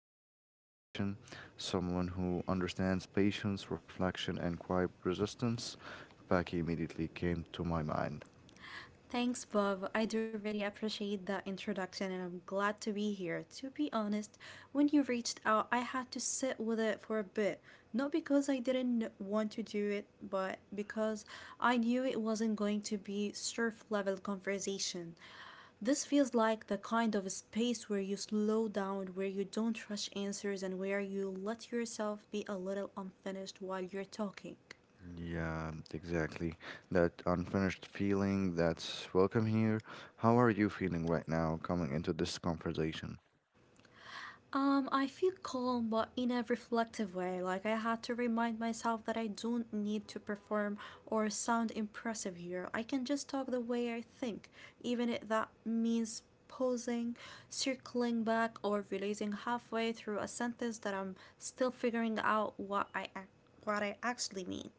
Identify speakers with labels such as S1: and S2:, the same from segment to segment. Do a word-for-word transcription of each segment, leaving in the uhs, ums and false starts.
S1: open the conversation, someone who understands patience, reflection, and quiet resistance, Becky immediately came to my mind.
S2: Thanks, Bob. I do really appreciate the introduction and I'm glad to be here. To be honest, when you reached out, I had to sit with it for a bit. Not because I didn't want to do it, but because I knew it wasn't going to be surf level conversation. This feels like the kind of space where you slow down, where you don't rush answers, and where you let yourself be a little unfinished while you're talking.
S1: Yeah, exactly. That unfinished feeling, that's welcome here. How are you feeling right now coming into this conversation?
S2: Um, I feel calm, but in a reflective way. Like I had to remind myself that I don't need to perform or sound impressive here. I can just talk the way I think, even if that means pausing, circling back, or releasing halfway through a sentence that I'm still figuring out what I ac- what I actually mean.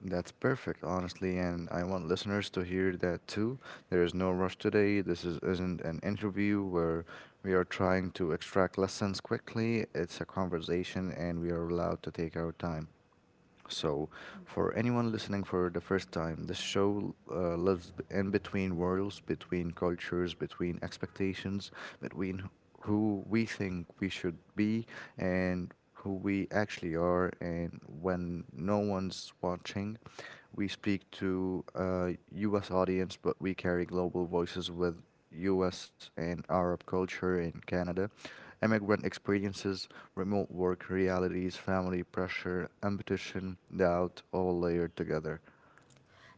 S1: That's perfect, honestly, and I want listeners to hear that too. There is no rush today. This is, isn't an interview where we are trying to extract lessons quickly. It's a conversation, and we are allowed to take our time. So, for anyone listening for the first time, this show uh, lives b- in between worlds, between cultures, between expectations, between wh- who we think we should be and who we actually are. And when no one's watching, we speak to a U S audience, but we carry global voices with U S and Arab culture in Canada, immigrant experiences, remote work realities, family pressure, ambition, doubt, all layered together.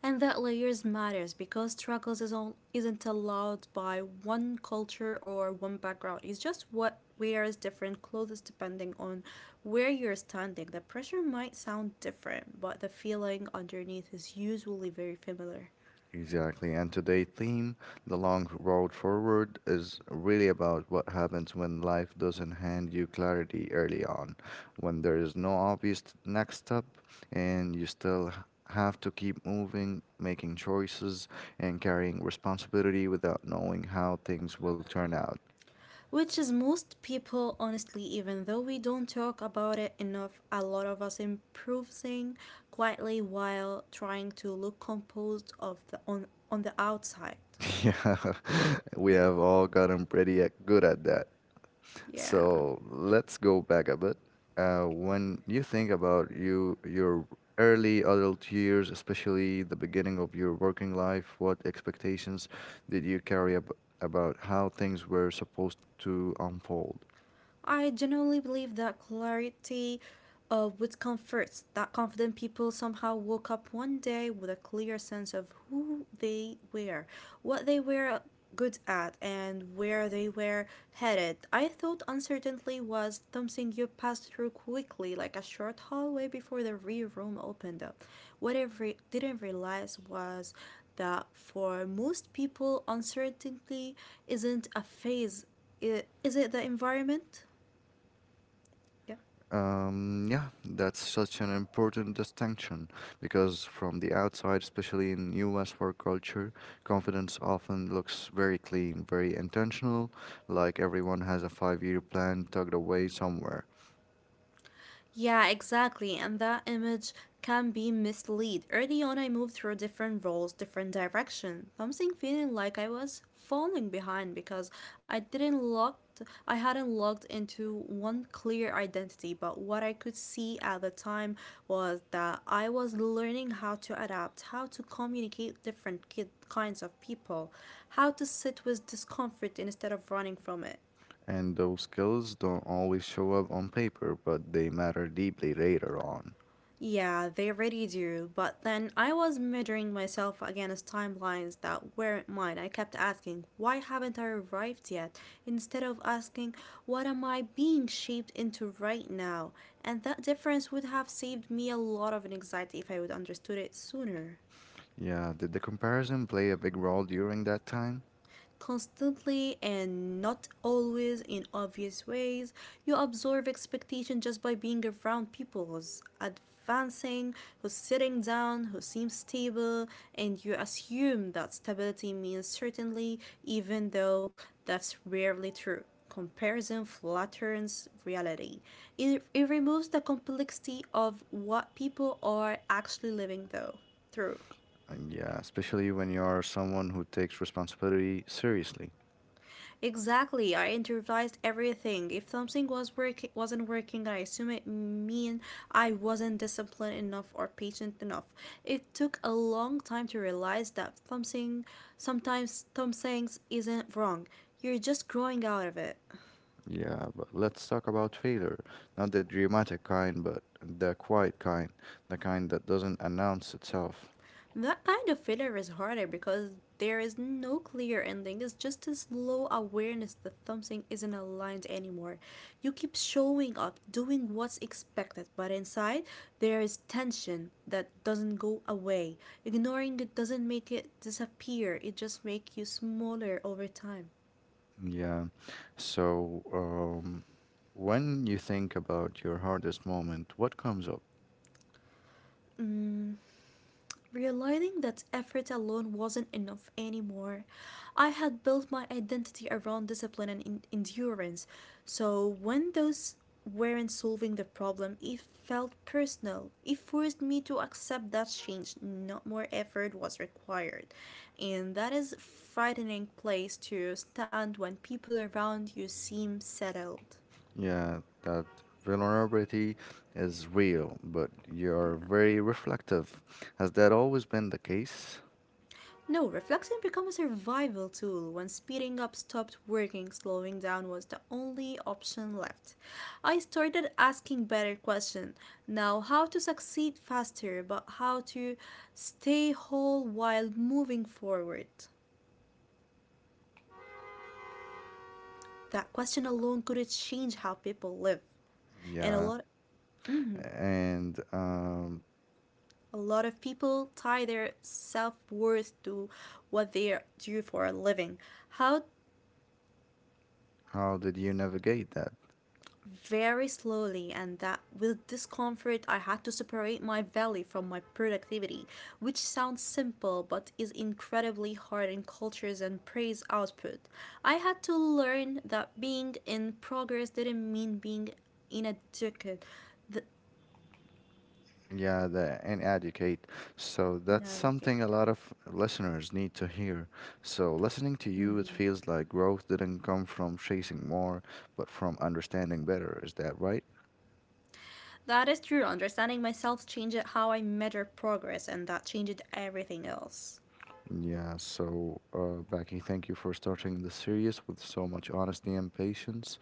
S2: And that layers matters because struggles is all, isn't allowed by one culture or one background. It's just what wears different clothes depending on where you're standing. The pressure might sound different, but the feeling underneath is usually very familiar.
S1: Exactly. And today's theme, The Long Road Forward, is really about what happens when life doesn't hand you clarity early on, when there is no obvious next step, and you still h- have to keep moving, making choices, and carrying responsibility without knowing how things will turn out.
S2: Which is most people, honestly, even though we don't talk about it enough, a lot of us improvising quietly while trying to look composed of the, on, on the outside.
S1: Yeah, we have all gotten pretty uh, good at that.
S2: Yeah.
S1: So let's go back a bit. Uh, when you think about you your early adult years, especially the beginning of your working life, what expectations did you carry ab- about how things were supposed to unfold?
S2: I genuinely believe that clarity uh, would come first, that confident people somehow woke up one day with a clear sense of who they were, what they were good at, and where they were headed. I thought uncertainty was something you passed through quickly, like a short hallway before the rear room opened up. What I re- didn't realize was that for most people, uncertainty isn't a phase, I- is it the environment? Yeah,
S1: Um, yeah, that's such an important distinction because from the outside, especially in U S work culture, confidence often looks very clean, very intentional, like everyone has a five-year plan tucked away somewhere.
S2: yeah, exactly. And that image can be mislead. Early on, I moved through different roles, different direction. Something feeling like I was falling behind because I didn't locked, I hadn't locked into one clear identity. But what I could see at the time was that I was learning how to adapt, how to communicate different ki- kinds of people, how to sit with discomfort instead of running from it.
S1: And those skills don't always show up on paper, but they matter deeply later on.
S2: Yeah, they really do. But then I was measuring myself against timelines that weren't mine. I kept asking, why haven't I arrived yet? Instead of asking, what am I being shaped into right now? And that difference would have saved me a lot of anxiety if I would understood it sooner.
S1: Yeah, did the comparison play a big role during that time?
S2: Constantly, and not always in obvious ways. You absorb expectation just by being around people who's advancing, who's sitting down, who seems stable, and you assume that stability means certainly, even though that's rarely true. Comparison flatters reality. It, it removes the complexity of what people are actually living though through.
S1: And yeah, especially when you are someone who takes responsibility seriously.
S2: Exactly. I improvised everything. If something was work wasn't working, I assume it mean I wasn't disciplined enough or patient enough. It took a long time to realize that something sometimes some things isn't wrong. You're just growing out of it.
S1: Yeah, but let's talk about failure. Not the dramatic kind, but the quiet kind, the kind that doesn't announce itself.
S2: That kind of filler is harder because there is no clear ending. It's just a slow awareness that something isn't aligned anymore. You keep showing up, doing what's expected, but inside there is tension that doesn't go away. Ignoring it doesn't make it disappear, it just makes you smaller over time.
S1: Yeah. So, um, when you think about your hardest moment, what comes up?
S2: Mm, Realizing that effort alone wasn't enough anymore, I had built my identity around discipline and en- endurance. So when those weren't solving the problem, it felt personal. It forced me to accept that change, not more effort was required. And that is a frightening place to stand when people around you seem settled.
S1: Yeah, that vulnerability is real, but
S2: Yeah.
S1: you're very reflective. Has that always been the case?
S2: No, reflection became a survival tool when speeding up stopped working, slowing down was the only option left. I started asking better questions, now how to succeed faster, but how to stay whole while moving forward. That question alone could change how people live, and a
S1: Yeah.
S2: lot
S1: And um,
S2: a lot of people tie their self worth to what they do for a living. How
S1: how did you navigate that?
S2: very slowly, and that with discomfort, I had to separate my value from my productivity, which sounds simple but is incredibly hard in cultures and praise output. I had to learn that being in progress didn't mean being inadequate. The,
S1: Yeah, the, and educate. So
S2: no,
S1: that's
S2: okay.
S1: something a lot of listeners need to hear. So listening to you, it feels like growth didn't come from chasing more, but from understanding better. Is that right?
S2: That is true. Understanding myself changed how I measure progress, and that changed everything else.
S1: Yeah, so uh, Becky, thank you for starting the series with so much honesty and patience.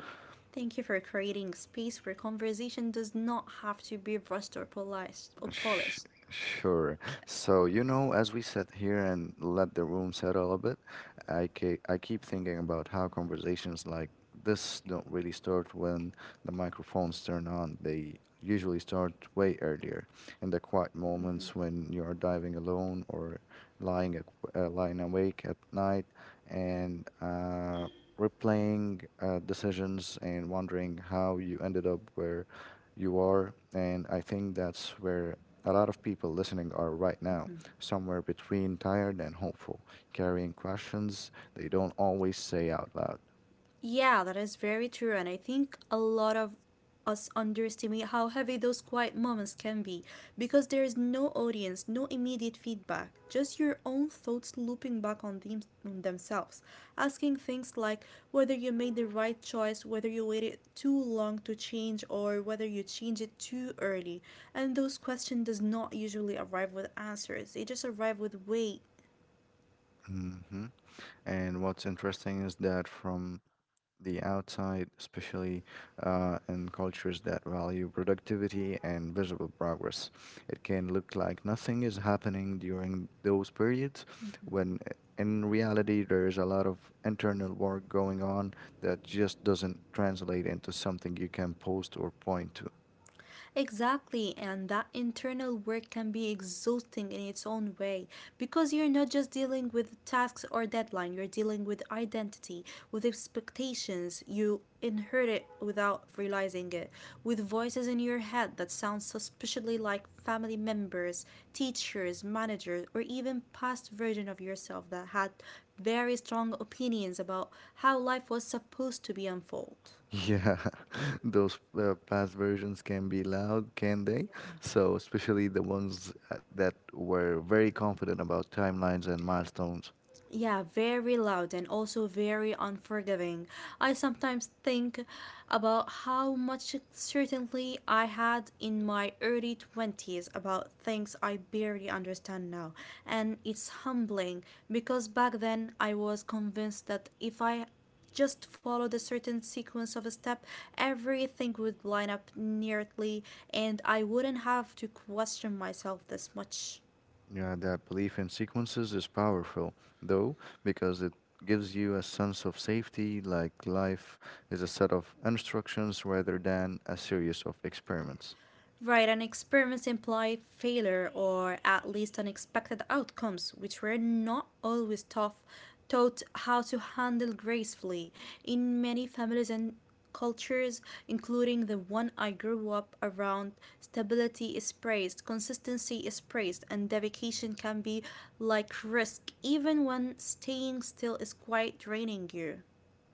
S2: Thank you for creating a space where conversation does not have to be rushed or polished. Or
S1: Sh-
S2: polished.
S1: Sure. So, you know, as we sit here and let the room settle a bit, I, ke- I keep thinking about how conversations like this don't really start when the microphones turn on. They usually start way earlier in the quiet
S2: Hmm.
S1: moments when you are diving alone or lying, ac- uh, lying awake at night and uh, replaying uh, decisions and wondering how you ended up where you are. And I think that's where a lot of people listening are right now, somewhere between tired and hopeful, carrying questions they don't always say out loud.
S2: Yeah, that is very true. And I think a lot of us underestimate how heavy those quiet moments can be because there is no audience, no immediate feedback, just your own thoughts looping back on, them- on themselves, asking things like whether you made the right choice, whether you waited too long to change, or whether you change it too early. And those questions does not usually arrive with answers. They just arrive with weight.
S1: Hmm. And what's interesting is that from the outside, especially uh, in cultures that value productivity and visible progress, it can look like nothing is happening during those periods when uh, in reality there is a lot of internal work going on that just doesn't translate into something you can post or point.
S2: Exactly, and that internal work can be exhausting in its own way because you're not just dealing with tasks or deadline, you're dealing with identity, with expectations you inherit without realizing it, with voices in your head that sound suspiciously like family members, teachers, managers, or even past version of yourself that had very strong opinions about how life was supposed to be unfold.
S1: Yeah, those uh, past versions can be loud, can they? So, especially the ones uh, that were very confident about timelines and milestones.
S2: Yeah, very loud and also very unforgiving. I sometimes think about how much certainty I had in my early twenties about things I barely understand now. And it's humbling because back then I was convinced that if I just followed a certain sequence of a step, everything would line up neatly and I wouldn't have to question myself this much.
S1: Yeah, that belief in sequences is powerful, though, because it gives you a sense of safety, like life is a set of instructions rather than a series of experiments.
S2: Right, and experiments imply failure or at least unexpected outcomes, which were not always tough, taught how to handle gracefully. In many families and cultures, including the one I grew up around, stability is praised, consistency is praised, and dedication can be like risk, even when staying still is quite draining you.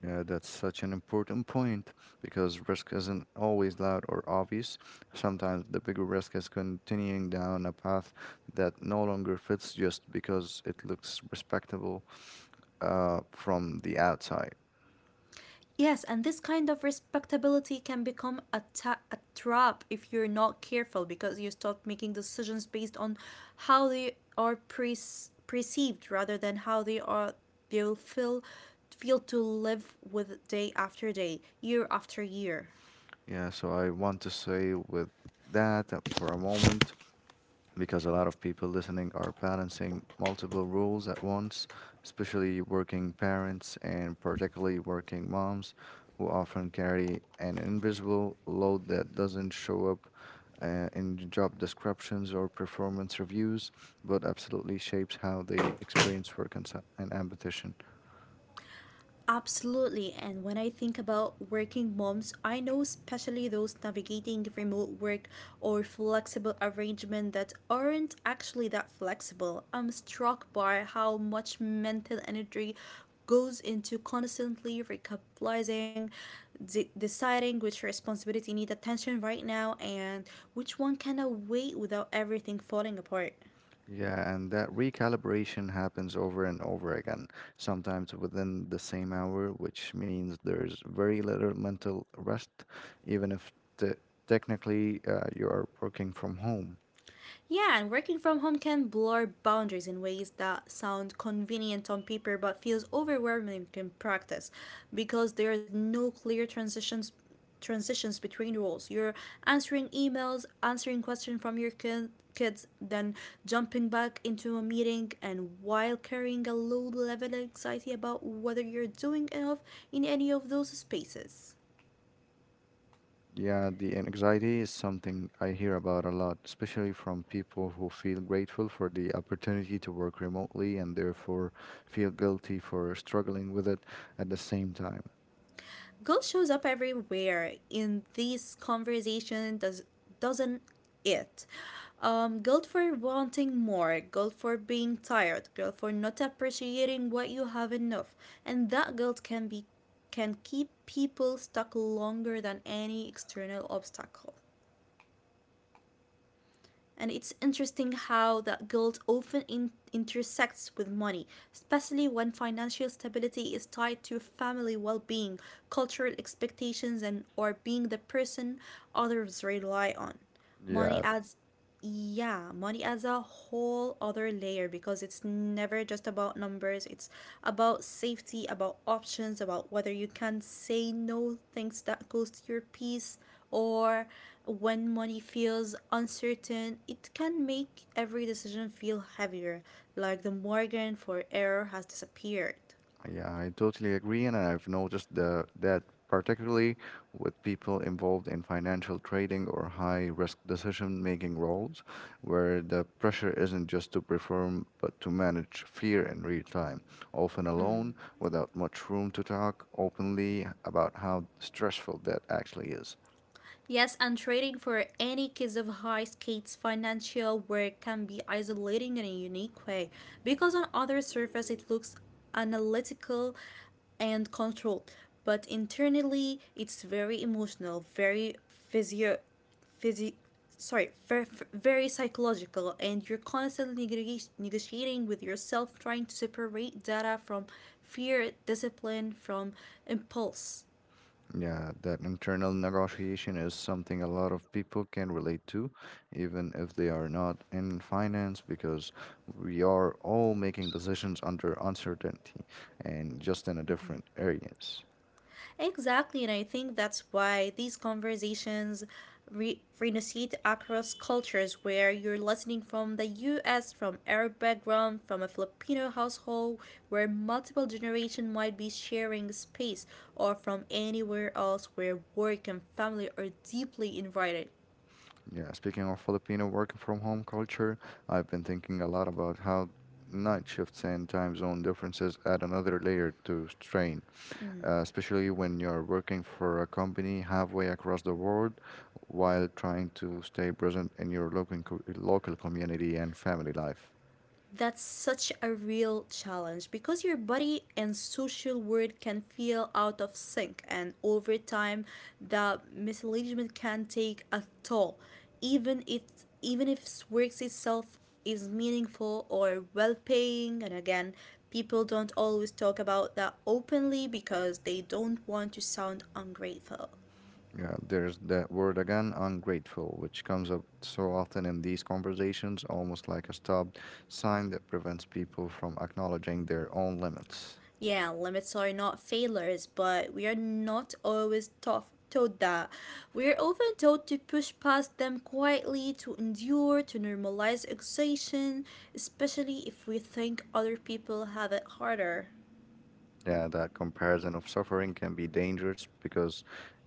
S1: Yeah, that's such an important point because risk isn't always loud or obvious. Sometimes the bigger risk is continuing down a path that no longer fits just because it looks respectable uh, from the outside.
S2: Yes, and this kind of respectability can become a, ta- a trap if you're not careful because you start making decisions based on how they are pre- perceived rather than how they are they will feel feel to live with day after day, year after year.
S1: Yeah, so I want to say with that uh, for a moment, because a lot of people listening are balancing multiple roles at once, especially working parents and particularly working moms who often carry an invisible load that doesn't show up uh, in job descriptions or performance reviews, but absolutely shapes how they experience work and, s- and ambition.
S2: Absolutely. And when I think about working moms, I know especially those navigating remote work or flexible arrangement that aren't actually that flexible. I'm struck by how much mental energy goes into constantly recapitalizing, de- deciding which responsibility need attention right now and which one can wait without everything falling apart.
S1: Yeah, and that recalibration happens over and over again, sometimes within the same hour, which means there's very little mental rest, even if te technically uh, you are working from home.
S2: Yeah, and working from home can blur boundaries in ways that sound convenient on paper but feels overwhelming in practice because there is no clear transitions transitions between roles. You're answering emails, answering questions from your kin- kids, then jumping back into a meeting and while carrying a low level of anxiety about whether you're doing enough in any of those spaces.
S1: Yeah, the anxiety is something I hear about a lot, especially from people who feel grateful for the opportunity to work remotely and therefore feel guilty for struggling with it at the same time.
S2: Guilt shows up everywhere in this conversation, does doesn't it? Um, guilt for wanting more, guilt for being tired, guilt for not appreciating what you have enough, and that guilt can be can keep people stuck longer than any external obstacle. And it's interesting how that guilt often in- intersects with money, especially when financial stability is tied to family well-being, cultural expectations, and or being the person others rely on. Money
S1: Yeah.
S2: adds Yeah, money adds a whole other layer because it's never just about numbers. It's about safety, about options, about whether you can say no things that goes to your peace. Or when money feels uncertain, it can make every decision feel heavier, like the margin for error has disappeared.
S1: Yeah, I totally agree, and I've noticed the, that particularly with people involved in financial trading or high risk decision making roles, where the pressure isn't just to perform but to manage fear in real time, often alone, without much room to talk openly about how stressful that actually is.
S2: Yes, and trading for any kids of high stakes financial work can be isolating in a unique way because on other surface it looks analytical and controlled, but internally it's very emotional, very physio, physio sorry, very, very psychological, and you're constantly neg- negotiating with yourself, trying to separate data from fear, discipline from impulse.
S1: Yeah, that internal negotiation is something a lot of people can relate to, even if they are not in finance, because we are all making decisions under uncertainty and just in a different areas.
S2: Exactly, and I think that's why these conversations re- renegotiate across cultures where you're listening from the U S, from Arab background, from a Filipino household where multiple generations might be sharing space, or from anywhere else where work and family are deeply invited.
S1: Yeah, speaking of Filipino working from home culture, I've been thinking a lot about how night shifts and time zone differences add another layer to strain. uh, especially when you're working for a company halfway across the world while trying to stay present in your local, co- local community and family life.
S2: That's such a real challenge because your body and social world can feel out of sync, and over time, the misalignment can take a toll, even if even if work itself is meaningful or well paying. And again, people don't always talk about that openly because they don't want to sound ungrateful.
S1: Yeah, there's that word again, ungrateful, which comes up so often in these conversations, almost like a stop sign that prevents people from acknowledging their own limits.
S2: Yeah, limits are not failures, but we are not always taught, told that. We are often told to push past them quietly, to endure, to normalize exhaustion, especially if we think other people have it harder.
S1: Yeah, that comparison of suffering can be dangerous because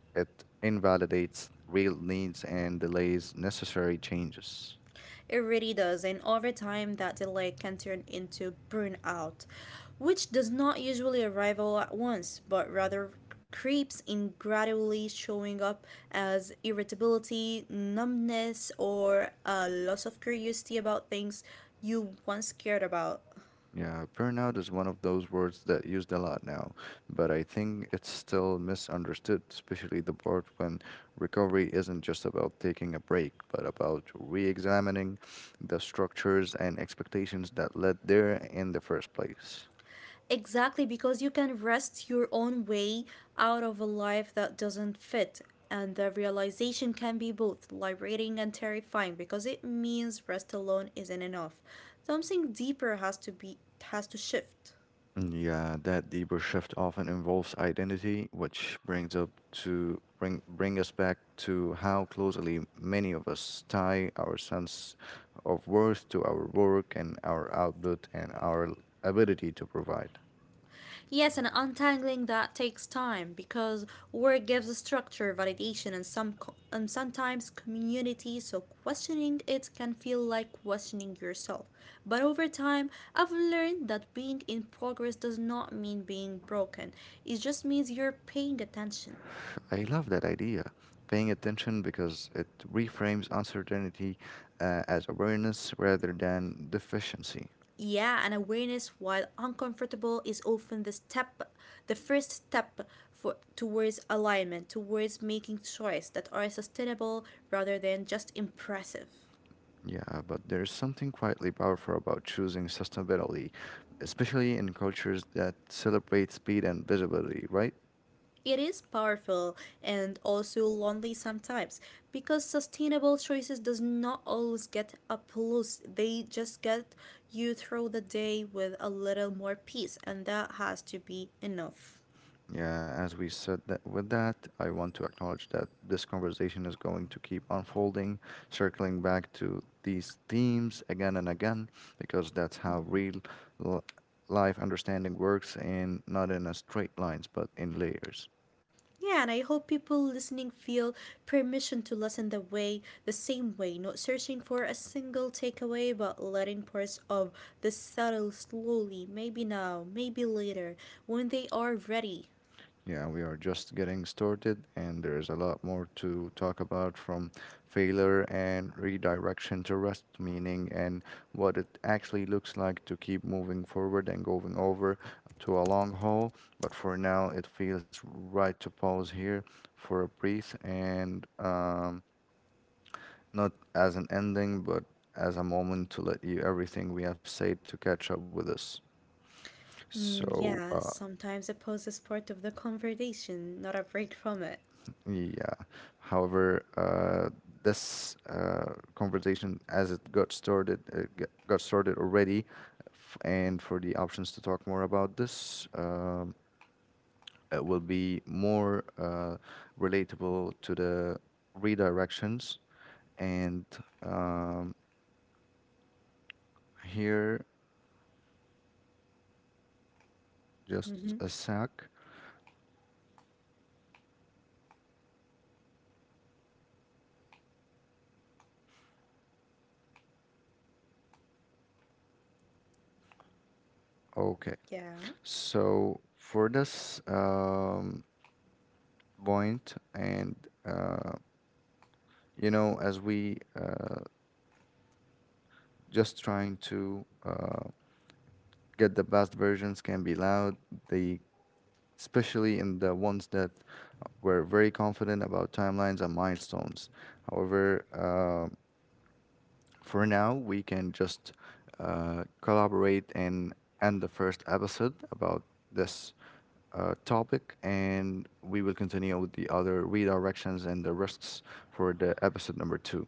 S1: it invalidates real needs and delays necessary changes.
S2: It really does. And over time, that delay can turn into burnout, which does not usually arrive all at once, but rather creeps in gradually showing up as irritability, numbness, or a loss of curiosity about things you once cared about.
S1: Yeah, burnout is one of those words that used a lot now, but I think it's still misunderstood, especially the part when recovery isn't just about taking a break, but about re-examining the structures and expectations that led there in the first place.
S2: Exactly, because you can wrest your own way out of a life that doesn't fit. And the realization can be both liberating and terrifying because it means rest alone isn't enough. Something deeper has to be has to shift.
S1: Mm, yeah, that deeper shift often involves identity, which brings up to bring bring us back to how closely many of us tie our sense of worth to our work and our output and our l- ability to provide.
S2: Yes, and untangling that takes time because work gives structure, validation, and some co- and sometimes community. So questioning it can feel like questioning yourself. But over time, I've learned that being in progress does not mean being broken. It just means you're paying attention.
S1: I love that idea. Paying attention, because it reframes uncertainty uh, as awareness rather than deficiency.
S2: Yeah, and awareness, while uncomfortable, is often the step, the first step for towards alignment, towards making choices that are sustainable rather than just impressive.
S1: Yeah, but there's something quietly powerful about choosing sustainability, especially in cultures that celebrate speed and visibility, right?
S2: It is powerful and also lonely sometimes because sustainable choices does not always get applause. They just get you through the day with a little more peace, and that has to be enough.
S1: Yeah, as we said that with that, I want to acknowledge that this conversation is going to keep unfolding, circling back to these themes again and again, because that's how real li- life understanding works, and not in a straight lines, but in layers.
S2: Yeah, and I hope people listening feel permission to listen the way the same way, not searching for a single takeaway but letting parts of the settle slowly, maybe now, maybe later, when they are ready.
S1: Yeah, we are just getting started, and there is a lot more to talk about, from failure and redirection to rest meaning and what it actually looks like to keep moving forward and going over to a long haul. But for now, it feels right to pause here for a breath and um, not as an ending, but as a moment to let you everything we have said to catch up with us.
S2: Mm,
S1: So,
S2: yeah,
S1: uh,
S2: sometimes it poses part of the conversation, not a break from it.
S1: Yeah. However, uh, this uh, conversation, as it got started, uh, g- got started already, f- and for the options to talk more about this, um, it will be more uh, relatable to the redirections. And um, here, just
S2: Mm-hmm.
S1: a sec. Okay.
S2: Yeah,
S1: So for this um, point, and uh, you know, as we uh, just trying to uh, get the best versions can be loud. They, especially in the ones that were very confident about timelines and milestones. However, uh, for now, we can just uh, collaborate and end the first episode about this. Uh, topic, and we will continue with the other redirections and the risks for the episode number two.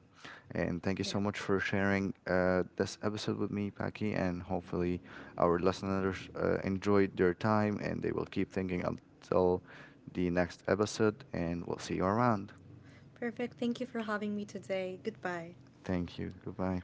S1: And thank you
S2: yeah.
S1: so much for sharing uh, this episode with me, Paki, and hopefully our listeners uh, enjoyed their time and they will keep thinking until the next episode. And we'll see you around.
S2: Perfect. Thank you for having me today. Goodbye.
S1: Thank you. Goodbye.